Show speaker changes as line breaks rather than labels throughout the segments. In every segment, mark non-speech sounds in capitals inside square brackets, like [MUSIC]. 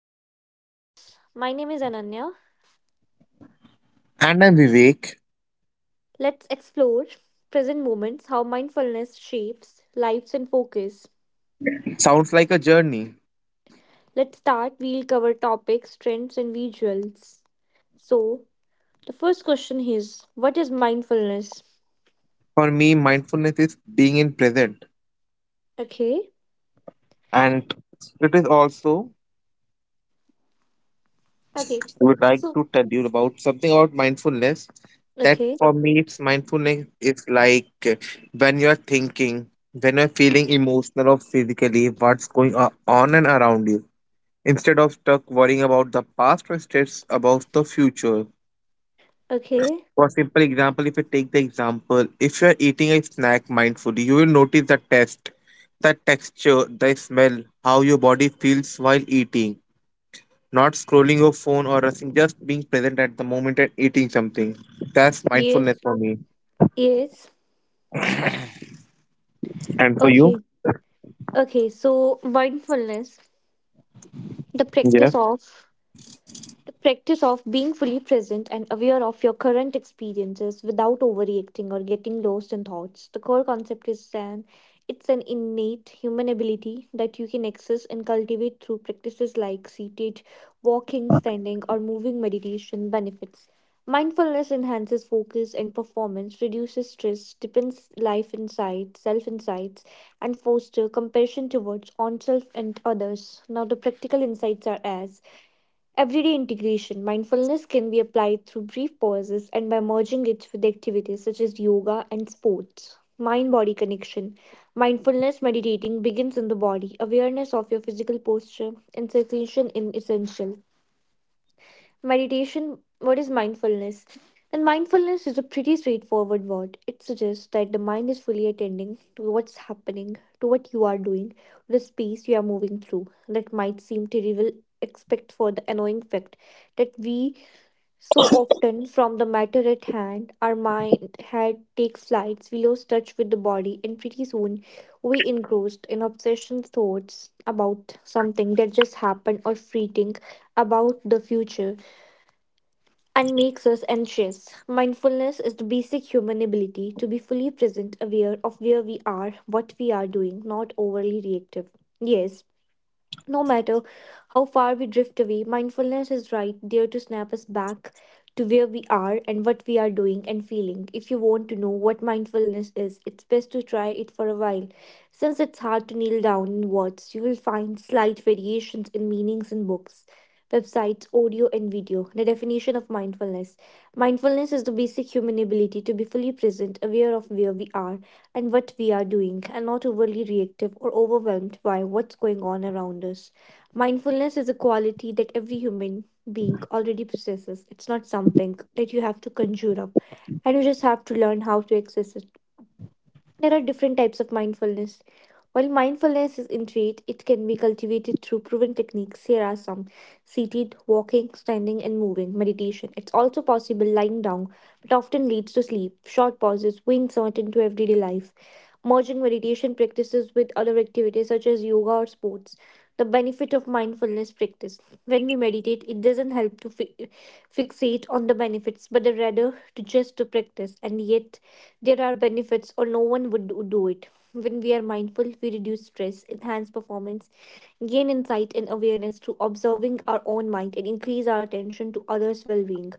Of mindfulness. My name is Ananya.
And I'm Vivek.
Let's explore present moments, how mindfulness shapes lives and focus.
Sounds like a journey.
Let's start. We'll cover topics, trends, and visuals. So, the first question is, what is mindfulness?
For me, mindfulness is being in present.
Okay.
And it is also,
Okay.
I would like
So,
to tell you about something about mindfulness that
okay.
for me, it's mindfulness is like when you're thinking, when you're feeling emotional or physically, what's going on and around you. Instead of stuck worrying about the past or stress about the future,
Okay.
for simple example, if you take the example, if you are eating a snack mindfully, you will notice the taste, the texture, the smell, how your body feels while eating. Not scrolling your phone or rushing, just being present at the moment and eating something. That's mindfulness
Yes.
for me.
Yes.
And for you?
Okay. Okay. So, mindfulness, the
Yeah.
practice of the practice of being fully present and aware of your current experiences without overreacting or getting lost in thoughts. The core concept is an It's an innate human ability that you can access and cultivate through practices like seated, walking, standing, or moving meditation benefits. Mindfulness enhances focus and performance, reduces stress, deepens life insight, self insights, and foster compassion towards oneself and others. Now the practical insights are as everyday integration. Mindfulness can be applied through brief pauses and by merging it with activities such as yoga and sports. Mind body connection. Mindfulness meditating begins in the body. Awareness of your physical posture and sensation is essential. Meditation, what is mindfulness? And mindfulness is a pretty straightforward word. It suggests that the mind is fully attending to what's happening, to what you are doing, the space you are moving through. That might seem trivial, except for the annoying fact that we so often, from the matter at hand, our mind had takes flights, we lose touch with the body, and pretty soon we engrossed in obsession thoughts about something that just happened or fretting about the future and makes us anxious. Mindfulness is the basic human ability to be fully present, aware of where we are, what we are doing, not overly reactive. Yes, no matter how far we drift away, mindfulness is right there to snap us back to where we are and what we are doing and feeling. If you want to know what mindfulness is, it's best to try it for a while. Since it's hard to kneel down in words, you will find slight variations in meanings in books, websites, audio, and video. The definition of mindfulness: mindfulness is the basic human ability to be fully present, aware of where we are and what we are doing, and not overly reactive or overwhelmed by what's going on around us. Mindfulness is a quality that every human being already possesses. It's not something that you have to conjure up, and you just have to learn how to access it. There are different types of mindfulness. While mindfulness is innate, it can be cultivated through proven techniques. Here are some: seated, walking, standing, and moving, meditation. It's also possible lying down, but often leads to sleep, short pauses, being sought into everyday life. Merging meditation practices with other activities such as yoga or sports, the benefit of mindfulness practice. When we meditate, it doesn't help to fixate on the benefits, but rather to just to practice. And yet there are benefits, or no one would do it. When we are mindful, we reduce stress, enhance performance, gain insight and awareness through observing our own mind, and increase our attention to others' well-being.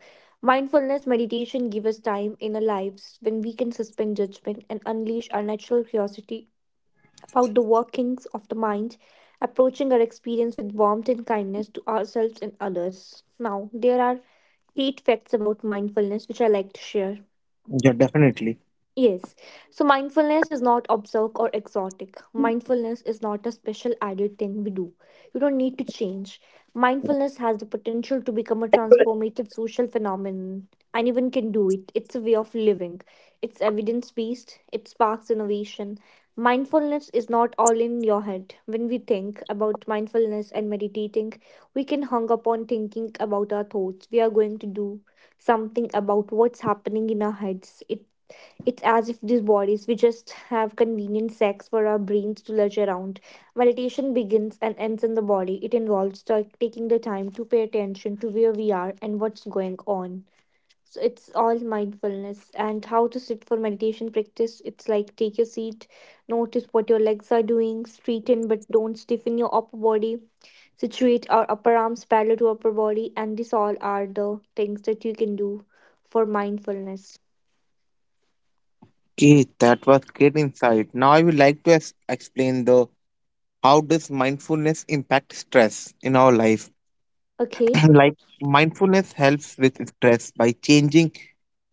Mindfulness meditation gives us time in our lives when we can suspend judgment and unleash our natural curiosity about the workings of the mind, approaching our experience with warmth and kindness to ourselves and others. Now, there are eight facts about mindfulness which I like to share.
Yeah, definitely.
Yes. So mindfulness is not obscure or exotic. Mindfulness is not a special added thing we do. You don't need to change. Mindfulness has the potential to become a transformative social phenomenon. Anyone can do it. It's a way of living. It's evidence based. It sparks innovation. Mindfulness is not all in your head. When we think about mindfulness and meditating, we can hung upon thinking about our thoughts. We are going to do something about what's happening in our heads. It's as if these bodies we just have convenient sex for our brains to lurch around. Meditation begins and ends in the body. It involves taking the time to pay attention to where we are and what's going on. So it's all mindfulness and how to sit for meditation practice. It's like take your seat, notice what your legs are doing, straighten but don't stiffen your upper body. Situate our upper arms parallel to upper body, and these all are the things that you can do for mindfulness.
Okay, that was great insight. Now I would like to explain the how does mindfulness impact stress in our life?
Okay.
[CLEARS THROAT] Like mindfulness helps with stress by changing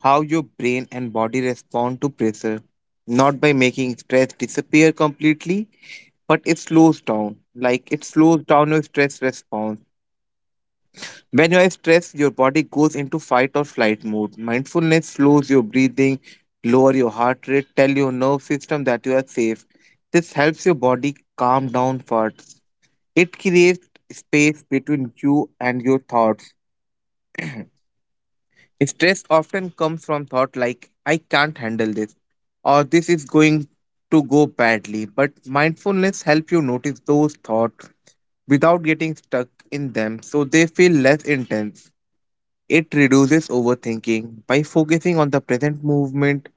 how your brain and body respond to pressure, not by making stress disappear completely, but it slows down. Like it slows down your stress response. When you are stressed, your body goes into fight or flight mode. Mindfulness slows your breathing, lower your heart rate, tell your nerve system that you are safe. This helps your body calm down first. It creates space between you and your thoughts. Stress often comes from thought like, I can't handle this, or this is going to go badly. But mindfulness helps you notice those thoughts without getting stuck in them so they feel less intense. It reduces overthinking. By focusing on the present movement,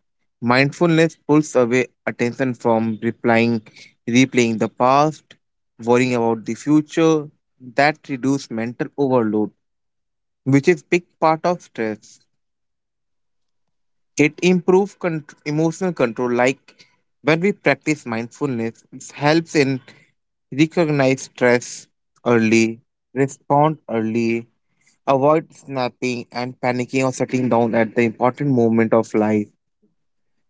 mindfulness pulls away attention from replying, replaying the past, worrying about the future. That reduces mental overload, which is big part of stress. It improves emotional control, like when we practice mindfulness, it helps in recognize stress early, respond early, avoid snapping and panicking or shutting down at the important moment of life.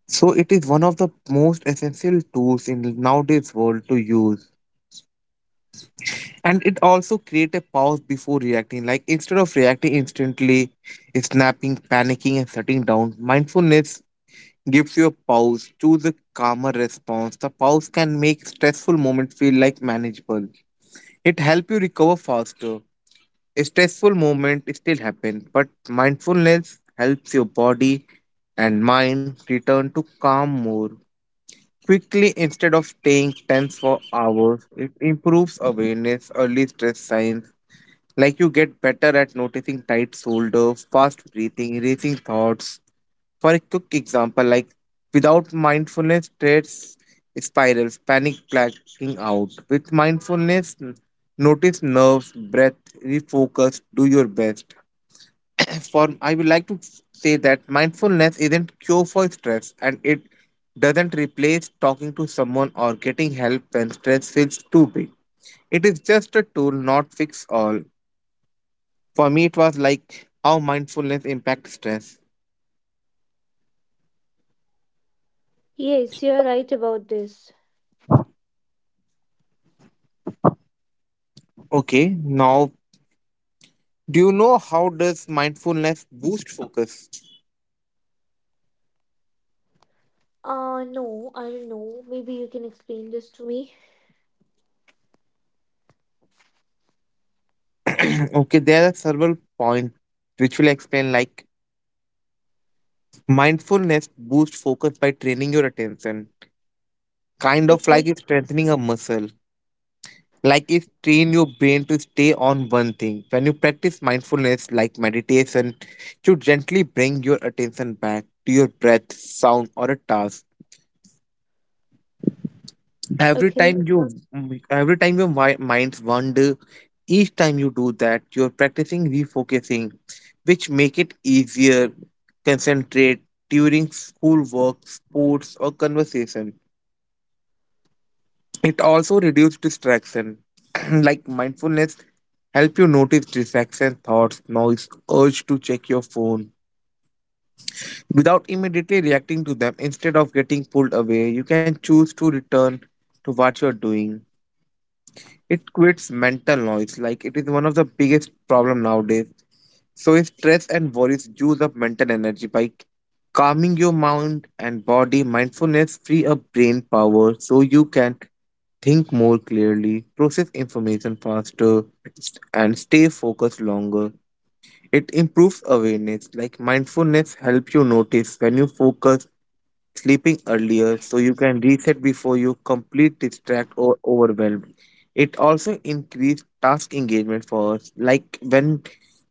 So it is one of the most essential tools in nowadays world to use. And it also create a pause before reacting. Like instead of reacting instantly, snapping, panicking, and shutting down, mindfulness gives you a pause. Choose a calmer response. The pause can make stressful moments feel like manageable. It helps you recover faster. A stressful moment still happens, but mindfulness helps your body and mind return to calm more quickly instead of staying tense for hours. It improves awareness, early stress signs, like you get better at noticing tight shoulder, fast breathing, racing thoughts. For a quick example, like without mindfulness, trades spirals, panic blacking out. With mindfulness, notice nerves, breath, refocus, do your best. [COUGHS] [CLEARS THROAT] For I would like to say that mindfulness isn't cure for stress and it doesn't replace talking to someone or getting help when stress feels too big. It is just a tool, not fix all. For me, it was like how mindfulness impacts stress.
Yes, you're right about this.
Okay, now do you know how does mindfulness boost focus?
No, I don't know. Maybe you can explain this to me.
[CLEARS THROAT] Okay, there are several points which will explain like mindfulness boosts focus by training your attention, kind of like
Okay,
it's strengthening a muscle. Like it train your brain to stay on one thing. When you practice mindfulness like meditation, you gently bring your attention back to your breath, sound, or a task every
okay.
time you every time your minds wander, each time you do that you're practicing refocusing, which make it easier concentrate during schoolwork sports or conversation. It also reduces distraction. [CLEARS THROAT] Like mindfulness help you notice distraction thoughts noise urge to check your phone without immediately reacting to them. Instead of getting pulled away you can choose to return to what you're doing. It creates mental noise, like it is one of the biggest problem nowadays. So if stress and worries use up mental energy by calming your mind and body, mindfulness free up brain power so you can think more clearly, process information faster, and stay focused longer. It improves awareness, like mindfulness helps you notice when you focus sleeping earlier so you can reset before you complete distract or overwhelmed. It also increased task engagement for us like when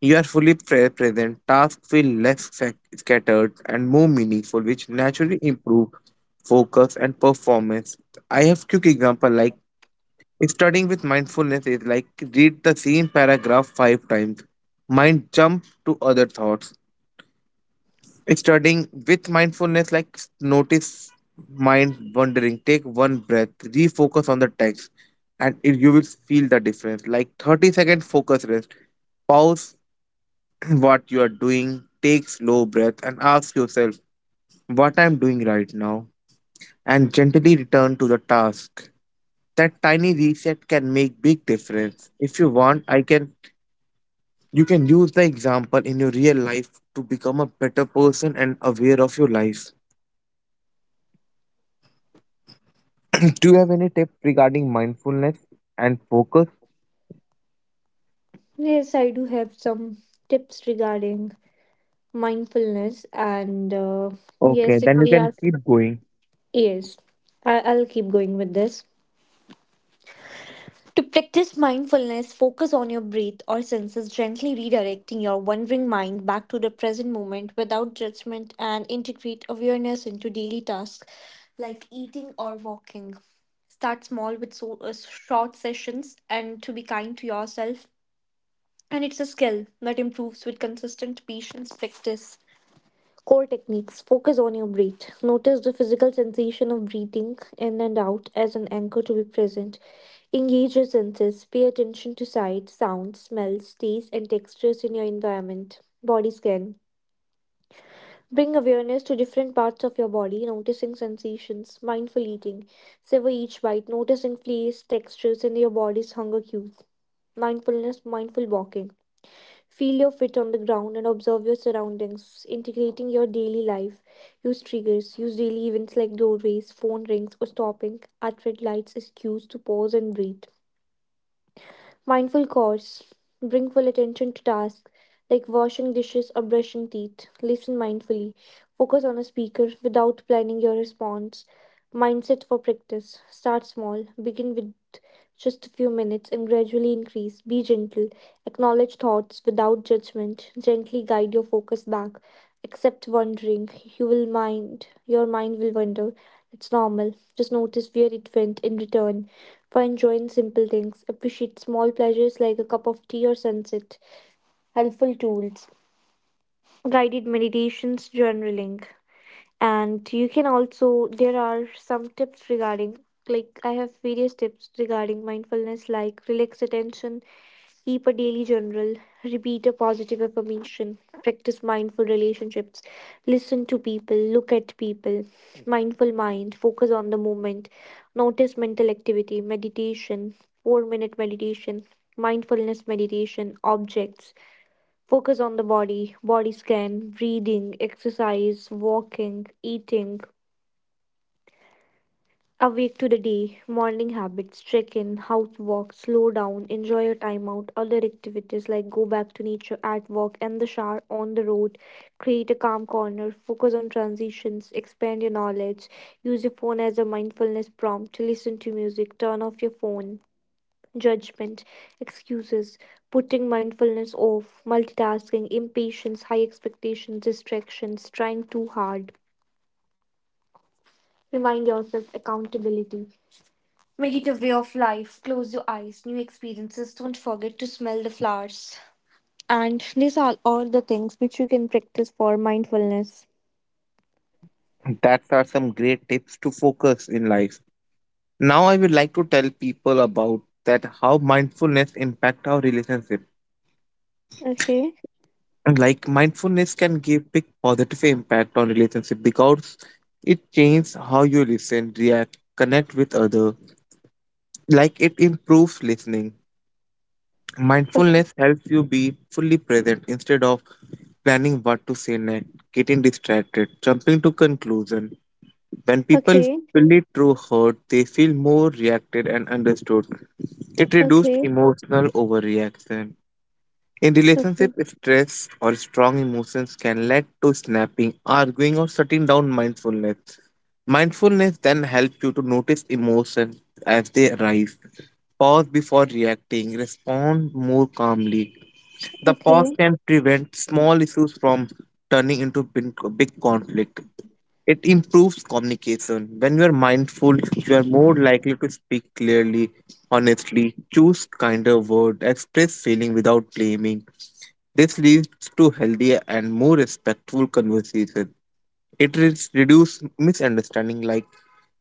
you are fully present tasks feel less scattered and more meaningful, which naturally improve focus and performance. I have quick example like studying with mindfulness is like read the same paragraph five times, mind jump to other thoughts. Starting with mindfulness, like notice mind wandering, take one breath, refocus on the text, and it, you will feel the difference. Like 30-second focus rest, pause [CLEARS THROAT] what you are doing, take slow breath, and ask yourself what I'm doing right now, and gently return to the task. That tiny reset can make big difference. If you want, I can you can use the example in your real life to become a better person and aware of your life. [LAUGHS] Do you have any tip regarding mindfulness and focus?
Yes, I do have some tips regarding mindfulness, and
Okay,
yes, if
then you
we
can
are,
keep going.
yes, I'll keep going with this. To practice mindfulness, focus on your breath or senses, gently redirecting your wandering mind back to the present moment without judgment, and integrate awareness into daily tasks like eating or walking. Start small with short sessions and to be kind to yourself. And it's a skill that improves with consistent patience practice. Core techniques: focus on your breath. Notice the physical sensation of breathing in and out as an anchor to be present. Engage your senses. Pay attention to sight, sound, smells, tastes, and textures in your environment. Body scan. Bring awareness to different parts of your body, noticing sensations. Mindful eating. Savor each bite, noticing flavors, textures, and your body's hunger cues. Mindfulness, mindful walking. Feel your fit on the ground and observe your surroundings, integrating your daily life. Use triggers, use daily events like doorways, phone rings, or stopping at red lights as cues to pause and breathe. Mindful course, bring full attention to tasks like washing dishes or brushing teeth. Listen mindfully, focus on a speaker without planning your response. Mindset for practice, start small, begin with just a few minutes and gradually increase. Be gentle. Acknowledge thoughts without judgment. Gently guide your focus back. Accept wandering. Your mind will wander. It's normal. Just notice where it went in return. Find joy in simple things. Appreciate small pleasures like a cup of tea or sunset. Helpful tools: guided meditations, journaling. And you can also, there are some tips regarding, like, I have various tips regarding mindfulness like relax attention, keep a daily journal, repeat a positive affirmation, practice mindful relationships, listen to people, look at people, mindful mind, focus on the moment, notice mental activity meditation, 4-minute meditation, mindfulness meditation objects, focus on the body, body scan, breathing, exercise, walking, eating. Awake to the day, morning habits, check in, house walk, slow down, enjoy your time out, other activities like go back to nature at work and the shower on the road, create a calm corner, focus on transitions, expand your knowledge, use your phone as a mindfulness prompt, listen to music, turn off your phone, judgment, excuses, putting mindfulness off, multitasking, impatience, high expectations, distractions, trying too hard. Remind yourself accountability. Make it a way of life. Close your eyes. New experiences. Don't forget to smell the flowers. And these are all the things which you can practice for mindfulness.
That are some great tips to focus in life. Now I would like to tell people about that how mindfulness impact our relationship.
Okay.
And like mindfulness can give big positive impact on relationship because it changes how you listen, react, connect with other. Like it improves listening.
Okay.
Mindfulness helps you be fully present instead of planning what to say next, getting distracted, jumping to conclusion. When people
Okay.
feel it through hurt, they feel more reacted and understood. It reduced
Okay.
emotional overreaction in relationship,
Okay.
stress or strong emotions can lead to snapping, arguing, or shutting down mindfulness. Mindfulness then helps you to notice emotions as they arise, pause before reacting, respond more calmly. The pause
Okay.
can prevent small issues from turning into big big conflict. It improves communication. When you are mindful, you are more likely to speak clearly, honestly, choose kinder words, express feeling without blaming. This leads to healthier and more respectful conversations. It reduces misunderstanding like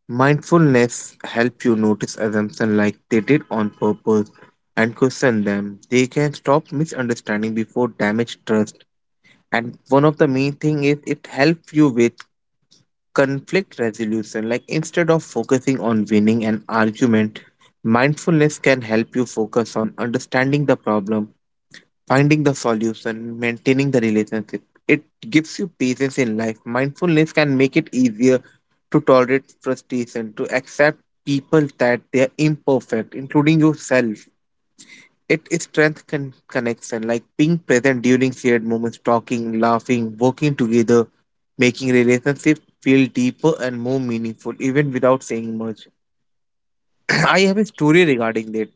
mindfulness help you notice assumptions like they did on purpose and question them. They can stop misunderstanding before damage trust. And one of the main thing is it helps you with conflict resolution. Like instead of focusing on winning an argument, mindfulness can help you focus on understanding the problem, finding the solution, maintaining the relationship. It gives you patience in life. Mindfulness can make it easier to tolerate frustration, to accept people that they are imperfect, including yourself. It strengthens connection, like being present during shared moments, talking, laughing, working together, making relationships feel deeper and more meaningful, even without saying much. [CLEARS THROAT] I have a story regarding that.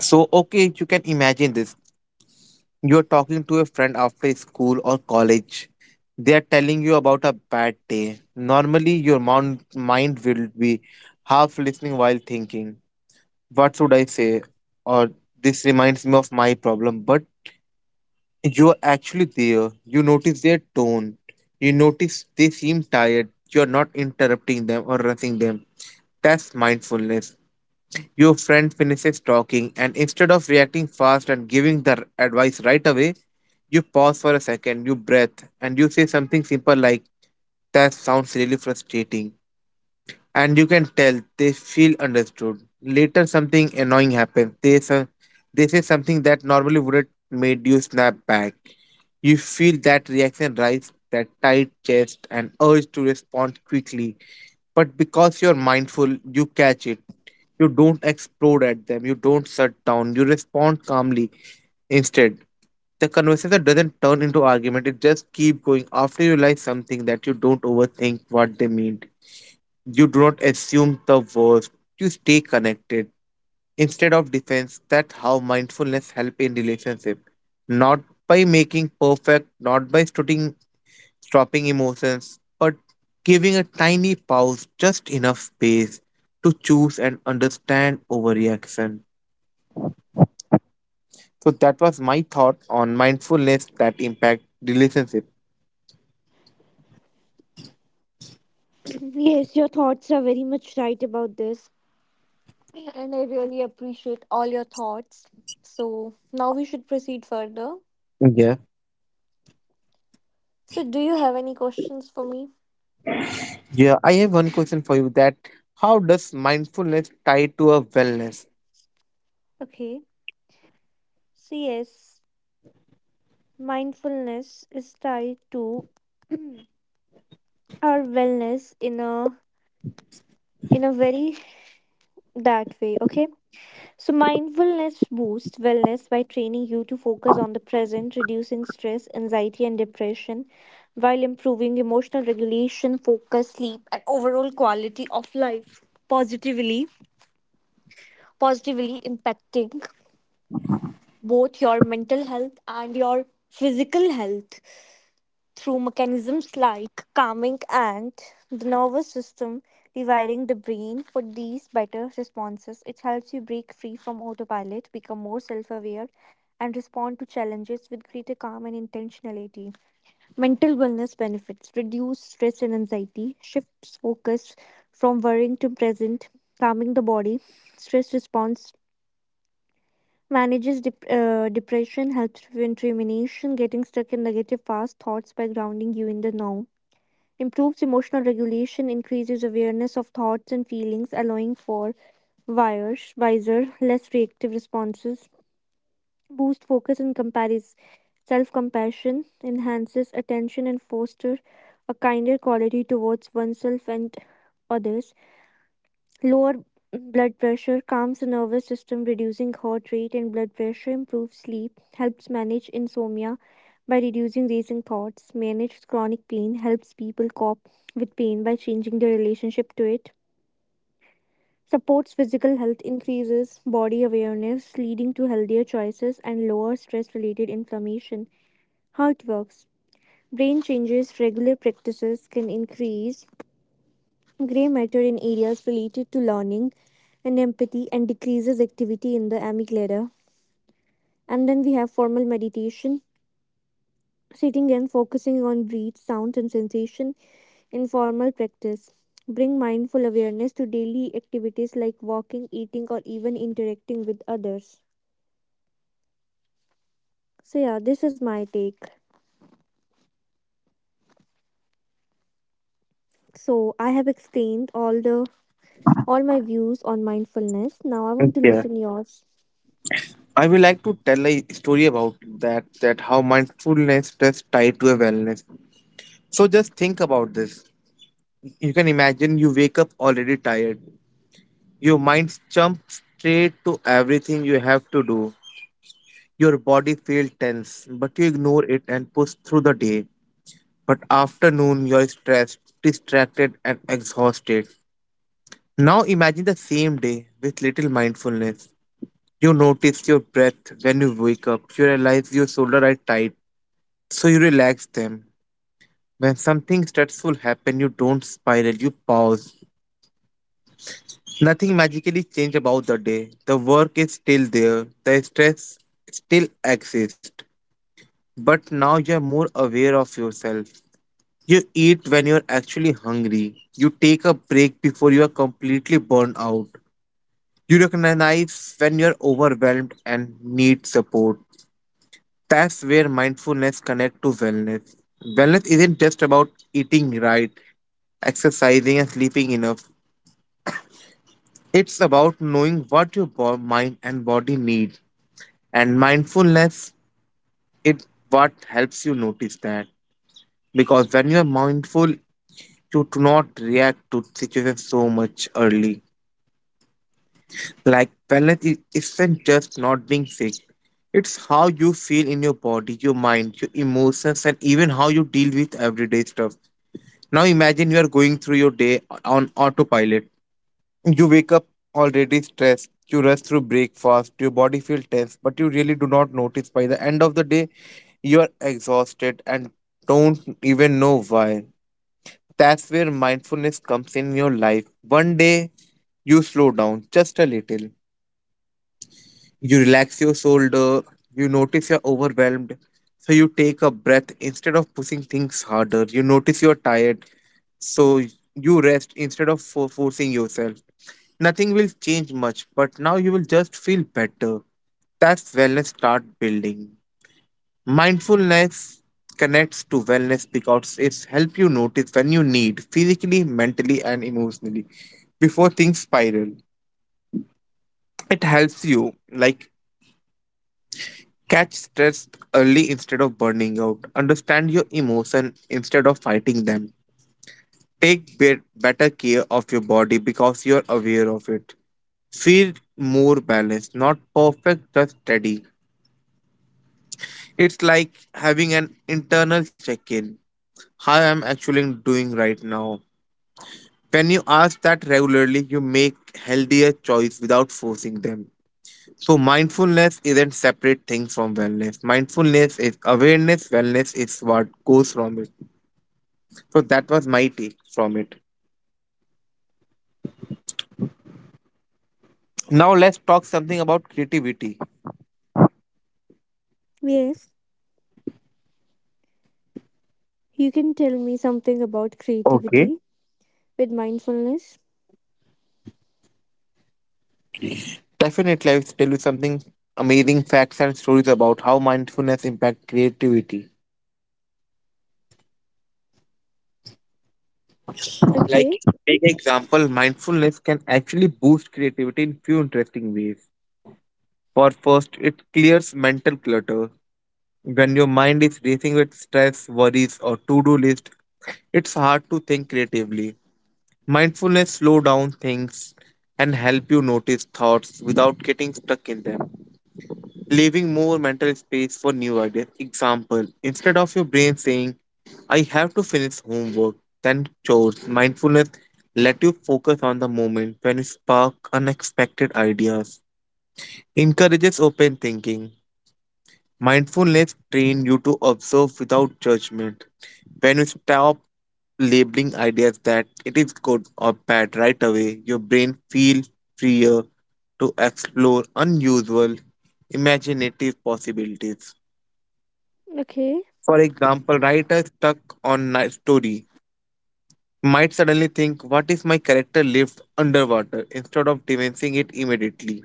So, okay, you can imagine this. You're talking to a friend after school or college. They are telling you about a bad day. Normally, your mind will be half listening while thinking, what should I say? Or this reminds me of my problem. But you are actually there. You notice their tone. You notice they seem tired. You're not interrupting them or rushing them. That's mindfulness. Your friend finishes talking, and instead of reacting fast and giving the advice right away, you pause for a second, you breath, and you say something simple like, that sounds really frustrating, and you can tell they feel understood. Later, something annoying happens. They say something that normally wouldn't made you snap back. You feel that reaction rise, that tight chest, and urge to respond quickly. But because you're mindful, you catch it. You don't explode at them. You don't shut down. You respond calmly. Instead, the conversation doesn't turn into argument. It just keeps going after you realize something that you don't overthink what they mean, you do not assume the worst. You stay connected. Instead of defense, that's how mindfulness help in relationship. Not by making perfect, not by stopping emotions, but giving a tiny pause, just enough space to choose and understand over reaction. So that was my thought on mindfulness that impact relationship.
[CLEARS THROAT] yes, your thoughts are very much right about this. And I really appreciate all your thoughts. So now we should proceed further.
Yeah.
So, do you have any questions for me?
Yeah, I have one question for you that how does mindfulness tie to a wellness?
Okay. So, yes, mindfulness is tied to our wellness in a very that way, okay? So mindfulness boosts wellness by training you to focus on the present, reducing stress, anxiety and depression while improving emotional regulation, focus, sleep and overall quality of life positively. positively impacting both your mental health and your physical health through mechanisms like calming and the nervous system, rewiring the brain for these better responses. It helps you break free from autopilot, become more self aware, and respond to challenges with greater calm and intentionality. Mental wellness benefits: reduce stress and anxiety, shifts focus from worrying to present, calming the body, stress response. Manages depression, helps prevent rumination, getting stuck in negative fast thoughts by grounding you in the now. Improves emotional regulation, increases awareness of thoughts and feelings, allowing for wiser, less reactive responses, boost focus and compares self compassion, enhances attention and foster a kinder quality towards oneself and others. Lower blood pressure, calms the nervous system, reducing heart rate and blood pressure, improves sleep, helps manage insomnia by reducing racing thoughts, manages chronic pain, helps people cope with pain by changing their relationship to it, supports physical health, increases body awareness, leading to healthier choices and lower stress related inflammation. How it works. Brain changes, regular practices can increase gray matter in areas related to learning and empathy and decreases activity in the amygdala. And then we have formal meditation, sitting and focusing on breath, sound, and sensation. In formal practice, bring mindful awareness to daily activities like walking, eating, or even interacting with others. So yeah, this is my take. So I have explained all my views on mindfulness. Now I want to
Yeah.
listen yours.
I would like to tell a story about that how mindfulness is tied to a wellness. So just think about this. You can imagine you wake up already tired. Your mind jumps straight to everything you have to do. Your body feels tense, but you ignore it and push through the day. But afternoon you're stressed, distracted and exhausted. Now imagine the same day with little mindfulness. You notice your breath when you wake up. You realize your shoulders are tight, so you relax them. When something stressful happen, you don't spiral, you pause. Nothing magically change about the day. The work is still there. The stress still exists. But now you're more aware of yourself. You eat when you're actually hungry. You take a break before you are completely burned out. You recognize when you're overwhelmed and need support. That's where mindfulness connect to wellness. Wellness isn't just about eating right, exercising, and sleeping enough. It's about knowing what your mind and body need. And mindfulness is what helps you notice that. Because when you are mindful, you do not react to situations so much early. Like wellness isn't just not being sick. It's how you feel in your body, your mind, your emotions, and even how you deal with everyday stuff. Now imagine you are going through your day on autopilot. You wake up already stressed, you rush through breakfast, your body feels tense, but you really do not notice. By the end of the day you are exhausted and don't even know why. That's where mindfulness comes in your life. One day you slow down just a little. You relax your shoulder, you notice you're overwhelmed, so you take a breath instead of pushing things harder. You notice you're tired, so you rest instead of forcing yourself. Nothing will change much, but now you will just feel better. That's wellness start building. Mindfulness connects to wellness because it's help you notice when you need physically, mentally, and emotionally before things spiral. It helps you like catch stress early instead of burning out. Understand your emotion instead of fighting them. Take better care of your body because you're aware of it. Feel more balanced, not perfect, just steady. It's like having an internal check in, how I'm actually doing right now. When you ask that regularly, you make healthier choice without forcing them. So mindfulness isn't separate thing from wellness. Mindfulness is awareness, wellness is what goes from it. So that was my take from it. Now let's talk something about creativity.
Yes, you can tell me something about
Okay.
creativity with mindfulness.
Definitely I will tell you something amazing facts and stories about how mindfulness impact creativity.
Okay,
Like take example, mindfulness can actually boost creativity in few interesting ways. For first, it clears mental clutter. When your mind is racing with stress, worries, or to do list, it's hard to think creatively. Mindfulness slow down things and help you notice thoughts without getting stuck in them, leaving more mental space for new ideas. Example, instead of your brain saying, I have to finish homework, then chores, mindfulness let you focus on the moment when you spark unexpected ideas. Encourages open thinking. Mindfulness trains you to observe without judgment. When you stop labeling ideas that it is good or bad right away, your brain feels freer to explore unusual, imaginative possibilities.
okay,
For example, writer stuck on a story might suddenly think, what if my character lived underwater, instead of dismissing it immediately?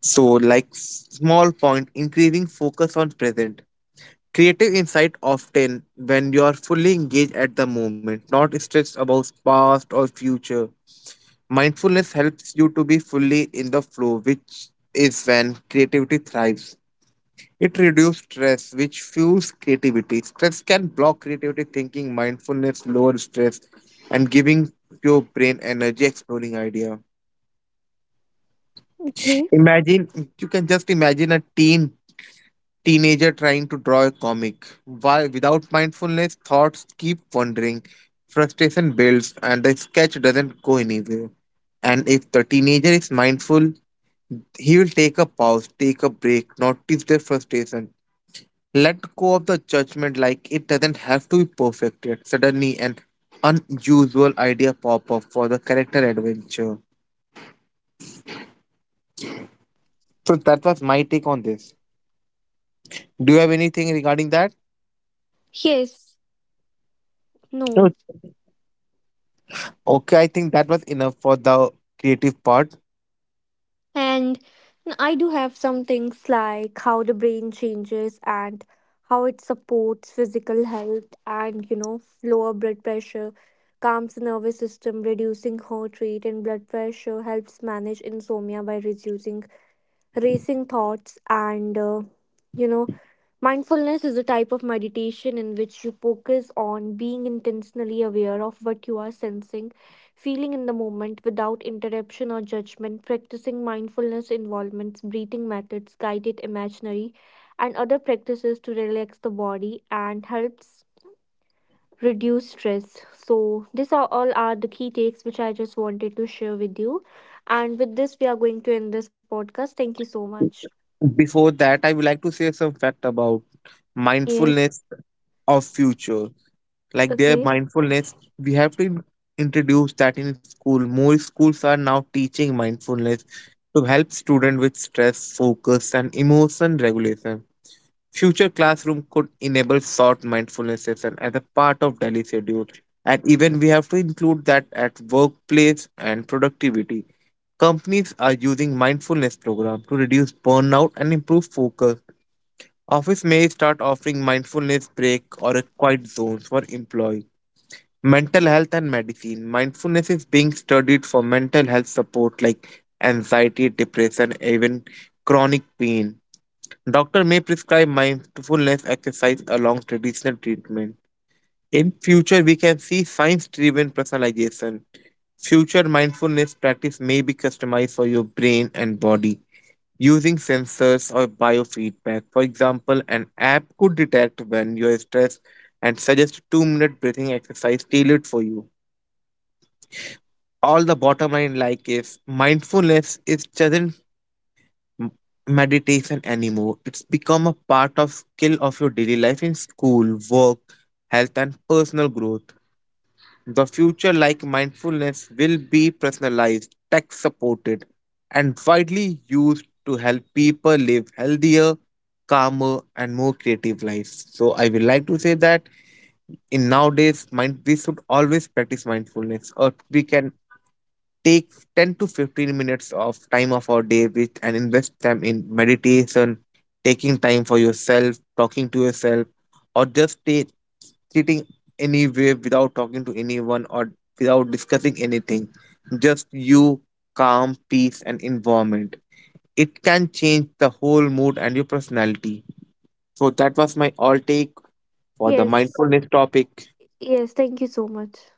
So, like, small point, increasing focus on present. Creative insight often when you are fully engaged at the moment, not stressed about past or future. Mindfulness helps you to be fully in the flow, which is when creativity thrives. It reduces stress, which fuels creativity. Stress can block creativity thinking, mindfulness lowers stress, and giving your brain energy exploring idea.
okay.
Imagine, you can just imagine a teenager trying to draw a comic. While without mindfulness, thoughts keep wandering, frustration builds, and the sketch doesn't go anywhere. And if the teenager is mindful, he will take a pause, take a break, notice their frustration, let go of the judgment like it doesn't have to be perfected. Suddenly, an unusual idea pop up for the character adventure. So that was my take on this. Do you have anything regarding that?
Yes,
No.
no.
Okay, I think that was enough for the creative part.
And I do have some things like how the brain changes and how it supports physical health and, you know, lower blood pressure, calms the nervous system, reducing heart rate and blood pressure, helps manage insomnia by reducing racing thoughts and you know mindfulness is a type of meditation in which you focus on being intentionally aware of what you are sensing, feeling in the moment without interruption or judgment. Practicing mindfulness involvements breathing methods, guided imaginary and other practices to relax the body and helps reduce stress. So these are all are the key takes which I just wanted to share with you, and with this, we are going to end this podcast. Thank you so much.
Before that, I would like to say some fact about
Yes.
mindfulness of future. Like their
Okay.
mindfulness, we have to introduce that in school. More schools are now teaching mindfulness to help students with stress, focus, and emotion regulation. Future classroom could enable short mindfulness session as a part of daily schedule. And even we have to include that at workplace and productivity. Companies are using mindfulness programs to reduce burnout and improve focus. Office may start offering mindfulness break or a quiet zones for employees. Mental health and medicine. Mindfulness is being studied for mental health support like anxiety, depression, even chronic pain. Doctor may prescribe mindfulness exercise along traditional treatment. In future, we can see science-driven personalization. Future mindfulness practice may be customized for your brain and body using sensors or biofeedback. For example, an app could detect when you're stressed and suggest 2 minute breathing exercise tailored for you. All the bottom line like is mindfulness is doesn't m- meditation anymore. It's become a part of skill of your daily life in school, work, health and personal growth. The future, like mindfulness, will be personalized, tech supported, and widely used to help people live healthier, calmer, and more creative lives. So, I would like to say that in nowadays, mind we should always practice mindfulness, or we can take 10 to 15 minutes of time of our day with and invest them in meditation, taking time for yourself, talking to yourself, or just sitting anywhere without talking to anyone or without discussing anything. Just you, calm, peace, and environment. It can change the whole mood and your personality. So that was my all take for the
Yes.
mindfulness topic.
Yes. Thank you so much.